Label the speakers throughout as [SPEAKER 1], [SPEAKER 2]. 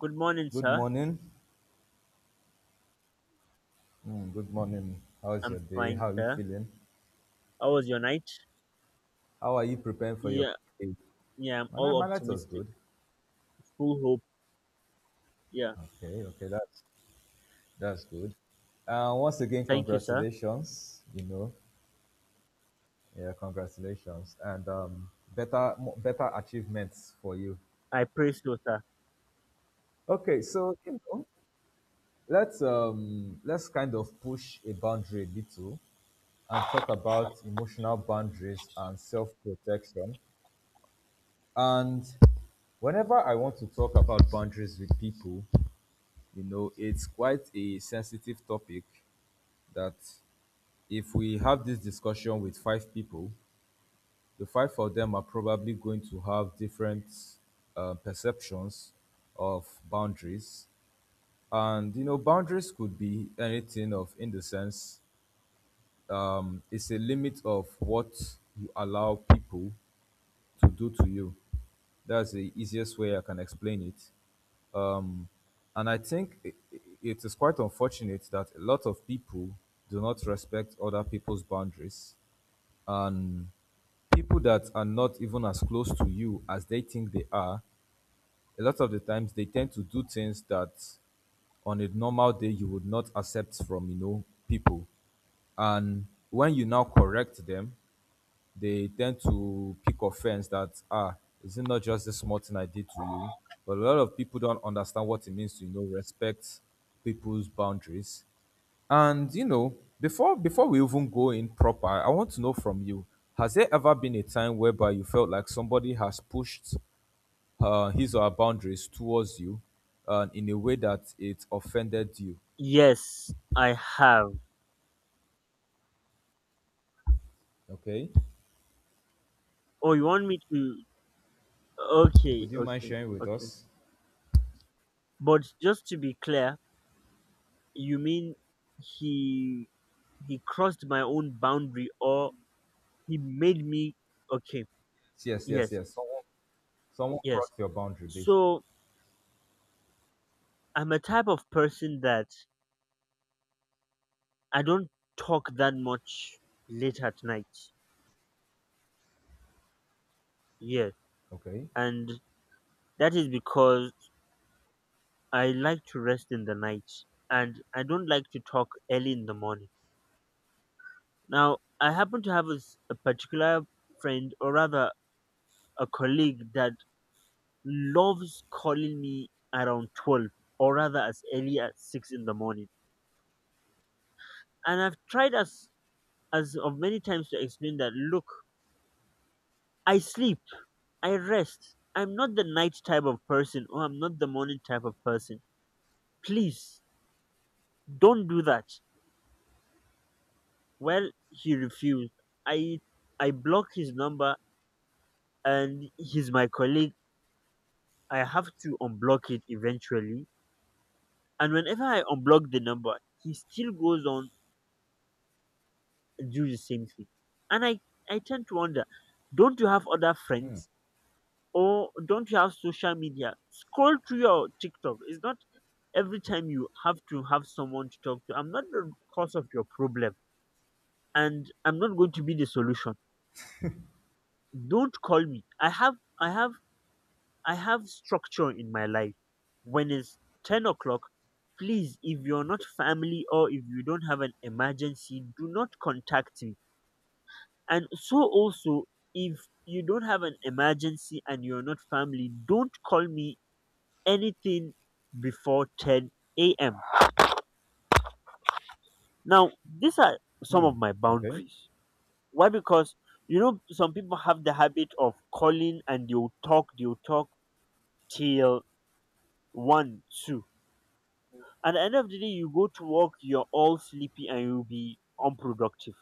[SPEAKER 1] Good morning,
[SPEAKER 2] Good
[SPEAKER 1] sir.
[SPEAKER 2] morning. Mm, good morning. How's
[SPEAKER 1] I'm
[SPEAKER 2] your day?
[SPEAKER 1] fine,
[SPEAKER 2] How are you
[SPEAKER 1] sir.
[SPEAKER 2] feeling?
[SPEAKER 1] How was your night?
[SPEAKER 2] How are you preparing for your
[SPEAKER 1] Yeah,
[SPEAKER 2] day?
[SPEAKER 1] yeah, I'm
[SPEAKER 2] My night,
[SPEAKER 1] all
[SPEAKER 2] my night was
[SPEAKER 1] optimistic,
[SPEAKER 2] good.
[SPEAKER 1] full hope. Yeah,
[SPEAKER 2] Okay, okay, that's good. Once again,
[SPEAKER 1] thank you, sir.
[SPEAKER 2] congratulations. Yeah, congratulations, and better achievements for you.
[SPEAKER 1] I pray so, sir.
[SPEAKER 2] Okay, so let's kind of push a boundary a little and talk about emotional boundaries and self protection. And whenever I want to talk about boundaries with people, it's quite a sensitive topic that if we have this discussion with five people, the five of them are probably going to have different perceptions of boundaries. And, boundaries could be anything of, in the sense, it's a limit of what you allow people to do to you. That's the easiest way I can explain it. Um, and I think it is quite unfortunate that a lot of people do not respect other people's boundaries. And people that are not even as close to you as they think they are, a lot of the times they tend to do things that on a normal day you would not accept from, people. And when you now correct them, they tend to pick offense that is it not just this small thing I did to you? But a lot of people don't understand what it means to, respect people's boundaries. And before we even go in proper, I want to know from you. Has there ever been a time whereby you felt like somebody has pushed his or her boundaries towards you in a way that it offended you?
[SPEAKER 1] Yes, I have.
[SPEAKER 2] Okay,
[SPEAKER 1] Oh, you want me to? Okay,
[SPEAKER 2] would you mind
[SPEAKER 1] okay,
[SPEAKER 2] sharing with
[SPEAKER 1] okay.
[SPEAKER 2] us?
[SPEAKER 1] But just to be clear, you mean he he crossed my own boundary, or he made me? Okay,
[SPEAKER 2] Yes, yes,
[SPEAKER 1] yes,
[SPEAKER 2] yes. Someone
[SPEAKER 1] yes.
[SPEAKER 2] crossed your boundary, basically.
[SPEAKER 1] So I'm a type of person that I don't talk that much late at night. Yes,
[SPEAKER 2] Okay,
[SPEAKER 1] and that is because I like to rest in the night and I don't like to talk early in the morning. Now, I happen to have a, a particular friend, or rather a colleague, that loves calling me around 12 or rather as early as 6 in the morning. And I've tried as of many times to explain that look, I sleep, I rest. I'm not the night type of person or I'm not the morning type of person. Please don't do that. Well, he refused. I I blocked his number and he's my colleague. I have to unblock it eventually. And whenever I unblock the number, he still goes on and do the same thing. And I tend to wonder, don't you have other friends or don't you have social media? Scroll through your TikTok. It's not every time you have to have someone to talk to. I'm not the cause of your problem and I'm not going to be the solution. Don't call me. I have I have structure in my life. When it's 10 o'clock, please, if you're not family or if you don't have an emergency, do not contact me. And so, also, if you don't have an emergency and you're not family, don't call me anything before 10 a.m. Now, these are some of my
[SPEAKER 2] okay.
[SPEAKER 1] boundaries. Why? Because, you know, some people have the habit of calling and they'll talk till 1, 2. At the end of the day, you go to work, you're all sleepy and you'll be unproductive.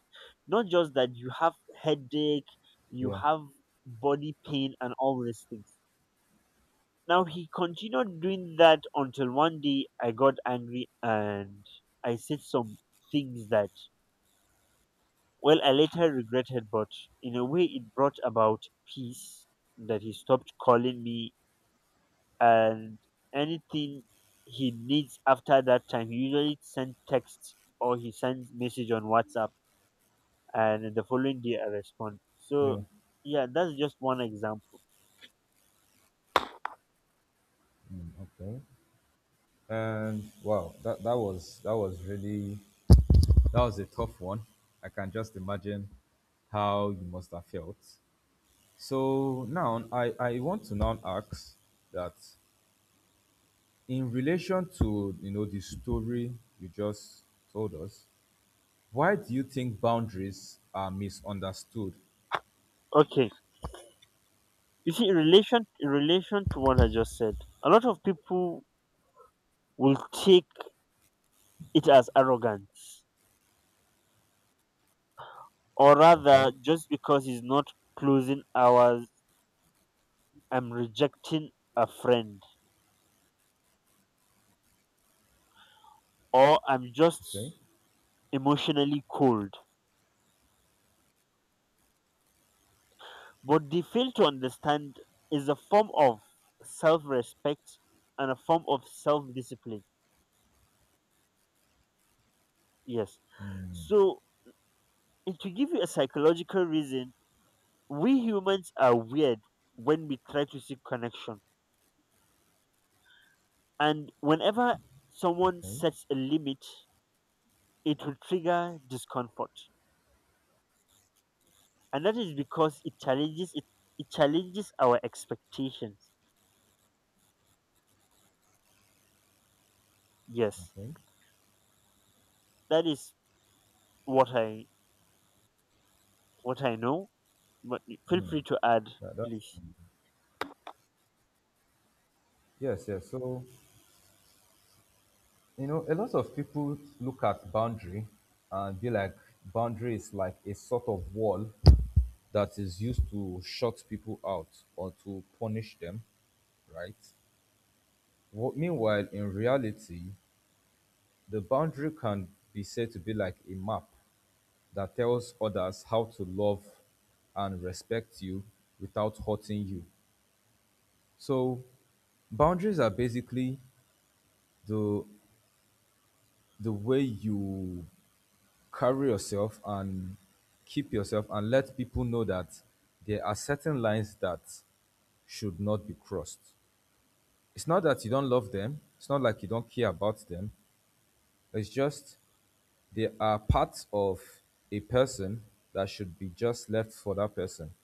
[SPEAKER 1] Not just that, you have headache, you
[SPEAKER 2] Yeah,
[SPEAKER 1] have body pain, and all these things. Now, he continued doing that until one day I got angry and I said some things that, well, I later regretted, but in a way, it brought about peace, that he stopped calling me, and anything he needs after that time, he usually send text or he sends message on WhatsApp, and the following day I respond. So
[SPEAKER 2] yeah,
[SPEAKER 1] yeah, that's just one example.
[SPEAKER 2] okay. And wow, that was a tough one. I can just imagine how you must have felt. So now I want to now ask that, in relation to the story you just told us, why do you think boundaries are misunderstood?
[SPEAKER 1] Okay, you see, in relation to what I just said, a lot of people will take it as arrogance, or
[SPEAKER 2] Okay,
[SPEAKER 1] rather, just because he's not closing hours, I'm rejecting a friend, or I'm just
[SPEAKER 2] okay,
[SPEAKER 1] emotionally cold. But they fail to understand is a form of self respect and a form of self discipline. Yes. So, and to give you a psychological reason, we humans are weird when we try to seek connection. And whenever someone
[SPEAKER 2] okay,
[SPEAKER 1] sets a limit, it will trigger discomfort. And that is because it challenges our expectations. Yes.
[SPEAKER 2] okay.
[SPEAKER 1] That is what I what I know. But feel free to add,
[SPEAKER 2] That's,
[SPEAKER 1] please.
[SPEAKER 2] yes, yes. So a lot of people look at boundary and be like, boundary is like a sort of wall that is used to shut people out or to punish them, right? Meanwhile, in reality, the boundary can be said to be like a map that tells others how to love and respect you without hurting you. So, boundaries are basically the the way you carry yourself and keep yourself and let people know that there are certain lines that should not be crossed. It's not that you don't love them, it's not like you don't care about them. It's just there are parts of a person that should be just left for that person,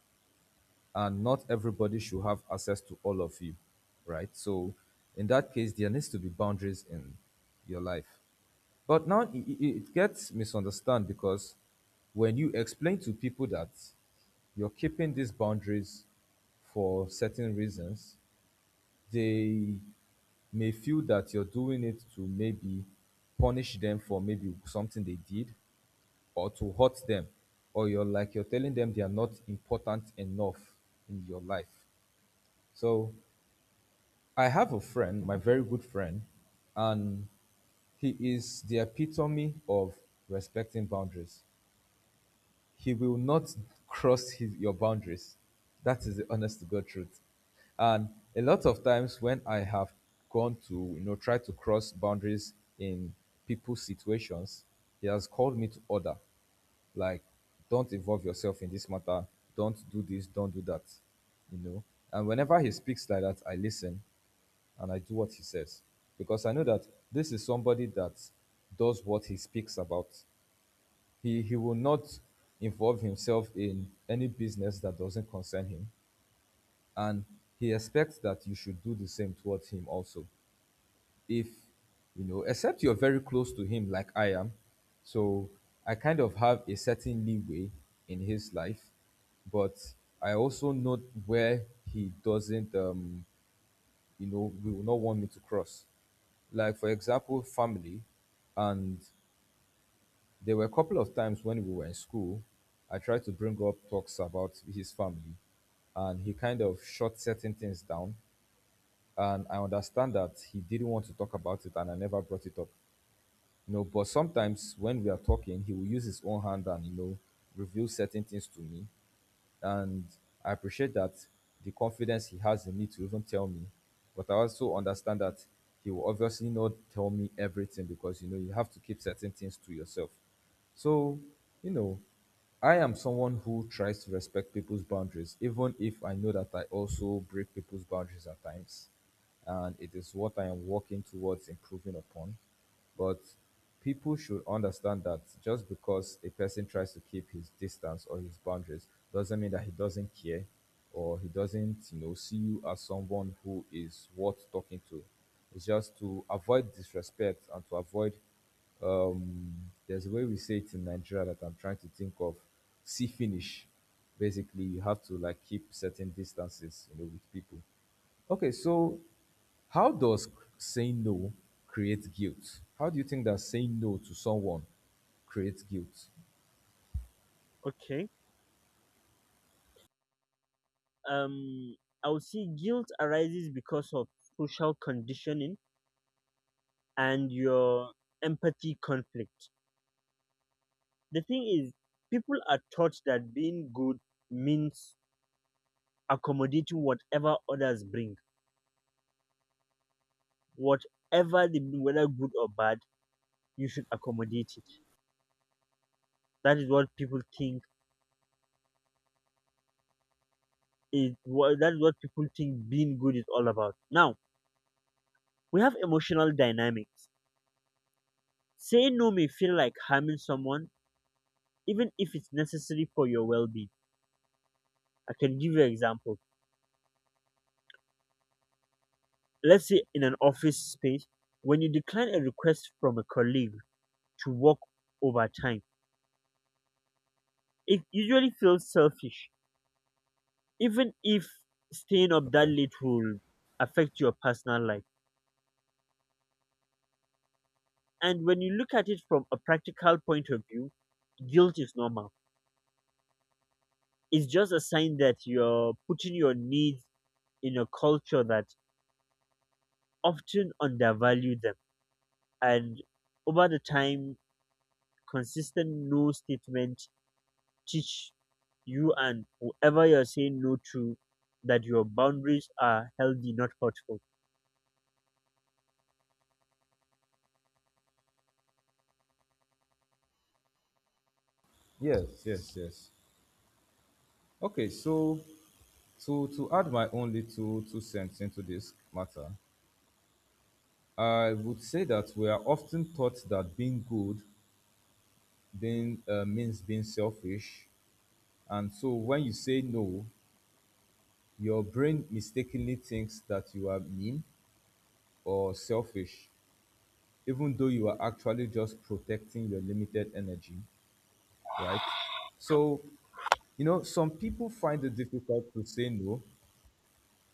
[SPEAKER 2] and not everybody should have access to all of you, right? So, in that case, there needs to be boundaries in your life. But now it gets misunderstood because when you explain to people that you're keeping these boundaries for certain reasons, they may feel that you're doing it to maybe punish them for maybe something they did or to hurt them, or you're like you're telling them they are not important enough in your life. So I have a friend, my very good friend, and he is the epitome of respecting boundaries. He will not cross his, your boundaries. That is the honest to God truth. And a lot of times when I have gone to, try to cross boundaries in people's situations, he has called me to order. Like, don't involve yourself in this matter. Don't do this. Don't do that. You know. And whenever he speaks like that, I listen and I do what he says, because I know that this is somebody that does what he speaks about. He will not involve himself in any business that doesn't concern him, and he expects that you should do the same towards him also. If except you're very close to him, like I am, so I kind of have a certain leeway in his life. But I also note where he doesn't, you know, will not want me to cross, like, for example, family. And there were a couple of times when we were in school, I tried to bring up talks about his family, and he kind of shot certain things down. And I understand that he didn't want to talk about it, and I never brought it up. But sometimes when we are talking, he will use his own hand and reveal certain things to me, and I appreciate that the confidence he has in me to even tell me. But I also understand that he will obviously not tell me everything, because you have to keep certain things to yourself. So, you know, I am someone who tries to respect people's boundaries, even if I know that I also break people's boundaries at times. And it is what I am working towards improving upon. But people should understand that just because a person tries to keep his distance or his boundaries doesn't mean that he doesn't care or he doesn't, see you as someone who is worth talking to. It's just to avoid disrespect and to avoid, there's a way we say it in Nigeria that I'm trying to think of. See finish. Basically, you have to like keep certain distances, with people. Okay, so how does saying no create guilt? How do you think that saying no to someone creates guilt?
[SPEAKER 1] Okay. Um, I would say guilt arises because of social conditioning and your empathy conflict. The thing is, people are taught that being good means accommodating whatever others bring, whatever they bring, whether good or bad, you should accommodate it. That is what people think is what that is what people think being good is all about. Now we have emotional dynamics. Saying no may feel like harming someone, even if it's necessary for your well-being. I can give you an example. Let's say in an office space, when you decline a request from a colleague to work overtime, it usually feels selfish, even if staying up that
[SPEAKER 2] Okay.
[SPEAKER 1] late will affect your personal life. And when you look at it from a practical point of view, guilt is normal. It's just a sign that you're putting your needs in a culture that often undervalue them. And over the time, consistent no statement teach you and whoever you're saying no to that your boundaries are healthy, not hurtful.
[SPEAKER 2] Yes, yes, yes. Okay, so to add my own little two cents into this matter, I would say that we are often taught that being good then means being selfish, and so when you say no, your brain mistakenly thinks that you are mean or selfish, even though you are actually just protecting your limited energy, right? So, some people find it difficult to say no.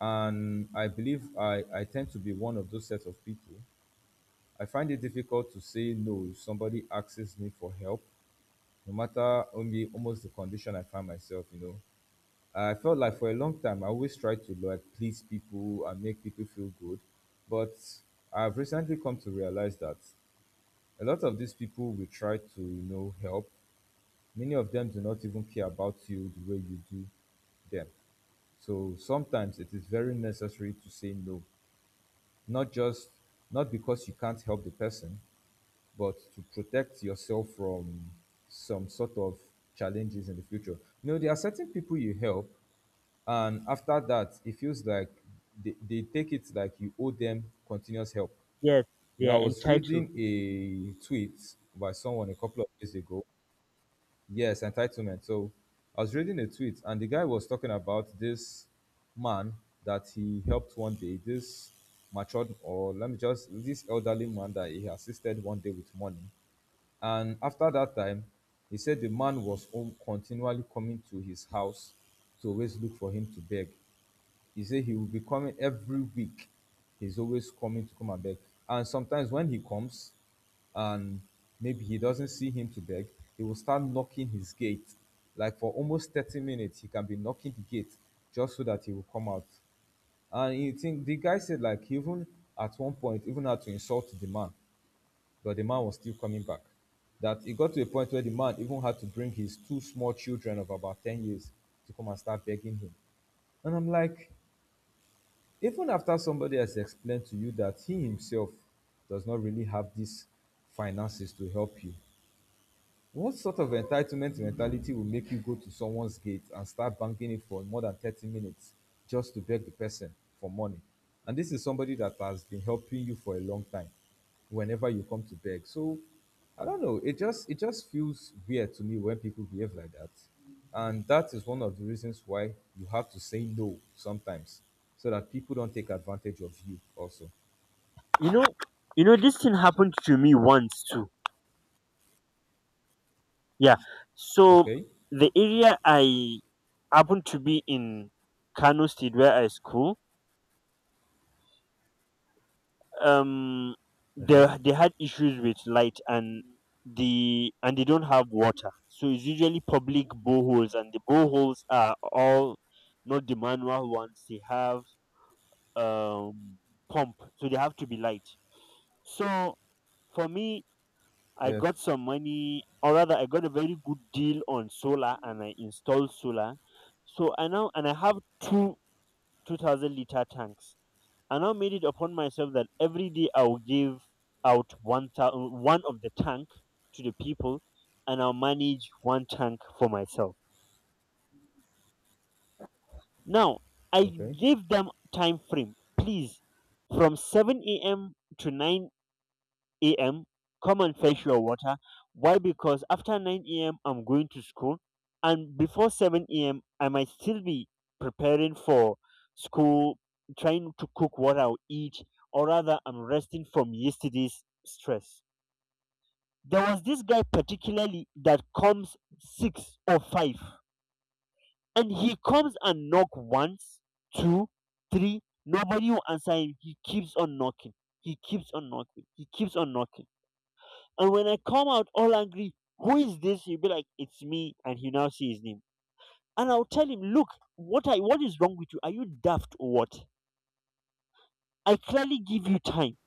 [SPEAKER 2] And I believe I tend to be one of those sets of people. I find it difficult to say no if somebody asks me for help, no matter only almost the condition I find myself. I felt like for a long time I always tried to like please people and make people feel good. But I've recently come to realize that a lot of these people will try to, help. Many of them do not even care about you the way you do them. So sometimes it is very necessary to say no, not just, not because you can't help the person, but to protect yourself from some sort of challenges in the future. There are certain people you help, and after that, it feels like they take it like you owe them continuous help.
[SPEAKER 1] Yes, they are
[SPEAKER 2] I was
[SPEAKER 1] entitled.
[SPEAKER 2] reading a tweet by someone a couple of days ago. Yes, entitlement. So I was reading a tweet, and the guy was talking about this man that he helped one day, this matured, or let me just, this elderly man that he assisted one day with money. And after that time, he said the man was home continually coming to his house to always look for him to beg. He said he will be coming every week. He's always coming to come and beg. And sometimes when he comes, and maybe he doesn't see him to beg, he will start knocking his gate. Like, for almost 30 minutes he can be knocking the gate, just so that he will come out. And you think, the guy said, like, even at one point, even had to insult the man, but the man was still coming back. That it got to a point where the man even had to bring his two small children of about 10 years to come and start begging him. And I'm like, even after somebody has explained to you that he himself does not really have these finances to help you, what sort of entitlement mentality will make you go to someone's gate and start banging it for more than 30 minutes just to beg the person for money? And this is somebody that has been helping you for a long time whenever you come to beg. So I don't know. It just feels weird to me when people behave like that. And that is one of the reasons why you have to say no sometimes, so that people don't take advantage of you also.
[SPEAKER 1] You know, you know, this thing happened to me once too. Yeah. So
[SPEAKER 2] Okay?
[SPEAKER 1] the area I happened to be in Kano State, where I school, um they
[SPEAKER 2] Okay.
[SPEAKER 1] they had issues with light and they don't have water, so it's usually public boreholes, and the boreholes are all not the manual ones. They have um pump, so they have to be light. So for me, I
[SPEAKER 2] Yes.
[SPEAKER 1] got some money, or rather I got a very good deal on solar, and I installed solar. So I now and I have two 2000-liter tanks. I now made it upon myself that every day I will give out one of the tank to the people, and I'll manage one tank for myself. Now I
[SPEAKER 2] Okay.
[SPEAKER 1] gave them time frame, please, from 7 a.m. to 9 a.m. Come and fetch your water. Why? Because after 9 a.m., I'm going to school, and before 7 a.m., I might still be preparing for school, trying to cook what I'll eat, or rather, I'm resting from yesterday's stress. There was this guy particularly that comes six or five, and he comes and knock once, two, three. Nobody will answer him. He keeps on knocking. He keeps on knocking. He keeps on knocking, and when I come out all angry, who is this? He'll be like, it's me. And he now see his name. And I'll tell him, look, what is wrong with you? Are you daft or what? I clearly give you time.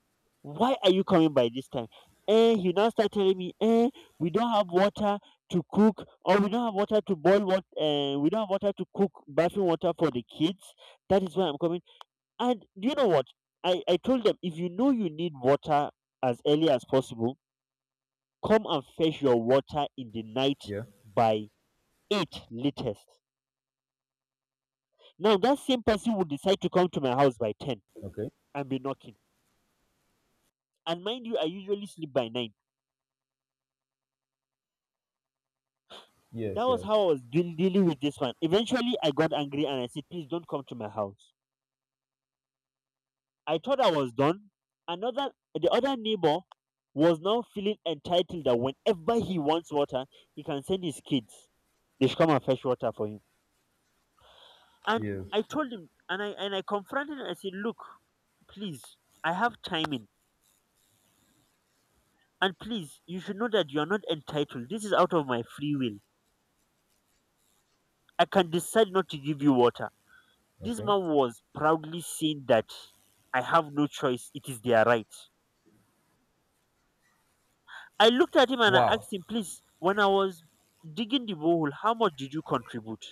[SPEAKER 1] Why are you coming by this time? Eh, he now start telling me, eh, we don't have water to cook, or we don't have water to boil what we don't have water to cook bathroom water for the kids. That is why I'm coming. And do you know what? I told them if you know you need water as early as possible, come and fetch your water in the night
[SPEAKER 2] Yeah.
[SPEAKER 1] by 8 latest. Now, that same person would decide to come to my house by 10
[SPEAKER 2] Okay.
[SPEAKER 1] and be knocking. And mind you, I usually sleep by 9. That
[SPEAKER 2] Yes,
[SPEAKER 1] was
[SPEAKER 2] yes.
[SPEAKER 1] how I was dealing with this one. Eventually, I got angry and I said, "Please don't come to my house." I thought I was done. The other neighbor was now feeling entitled that whenever he wants water, he can send his kids. They should come and fetch water for him. And
[SPEAKER 2] Yes.
[SPEAKER 1] I told him, and I confronted him. I said, "Look, please, I have timing. And please, you should know that you are not entitled. This is out of my free will. I can decide not to give you water." This
[SPEAKER 2] Okay.
[SPEAKER 1] man was proudly saying that I have no choice. It is their right. I looked at him and I
[SPEAKER 2] Wow.
[SPEAKER 1] asked him, please, when I was digging the borehole, how much did you contribute?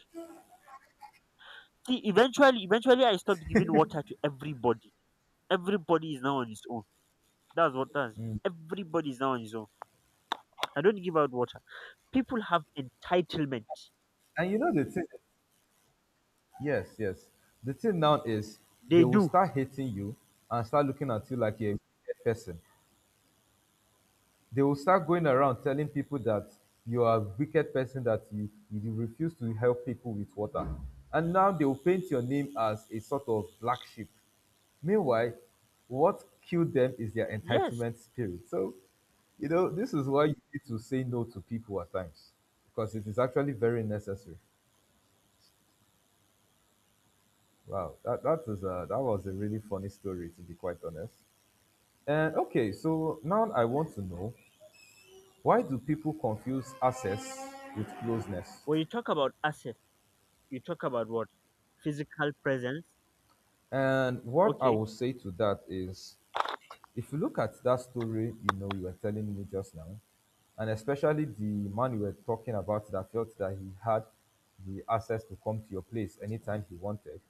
[SPEAKER 1] See, eventually, I stopped giving water to everybody. Everybody is now on his own. That's what that's. Everybody is now on his own. I don't give out water. People have entitlement.
[SPEAKER 2] And you know the thing, yes, yes. The thing now is, they
[SPEAKER 1] They
[SPEAKER 2] will
[SPEAKER 1] do.
[SPEAKER 2] start hating you and start looking at you like you're a wicked person. They will start going around telling people that you are a wicked person, that you refuse to help people with water. And now they will paint your name as a sort of black sheep. Meanwhile, what killed them is their
[SPEAKER 1] Yes.
[SPEAKER 2] entitlement spirit. So, this is why you need to say no to people at times, because it is actually very necessary. Wow, that was a really funny story, to be quite honest. And okay, so now I want to know, why do people confuse access with closeness?
[SPEAKER 1] When you talk about assets, you talk about what? Physical presence.
[SPEAKER 2] And what I
[SPEAKER 1] Okay.
[SPEAKER 2] will say to that is, if you look at that story, you were telling me just now, and especially the man you were talking about that felt that he had the access to come to your place anytime he wanted.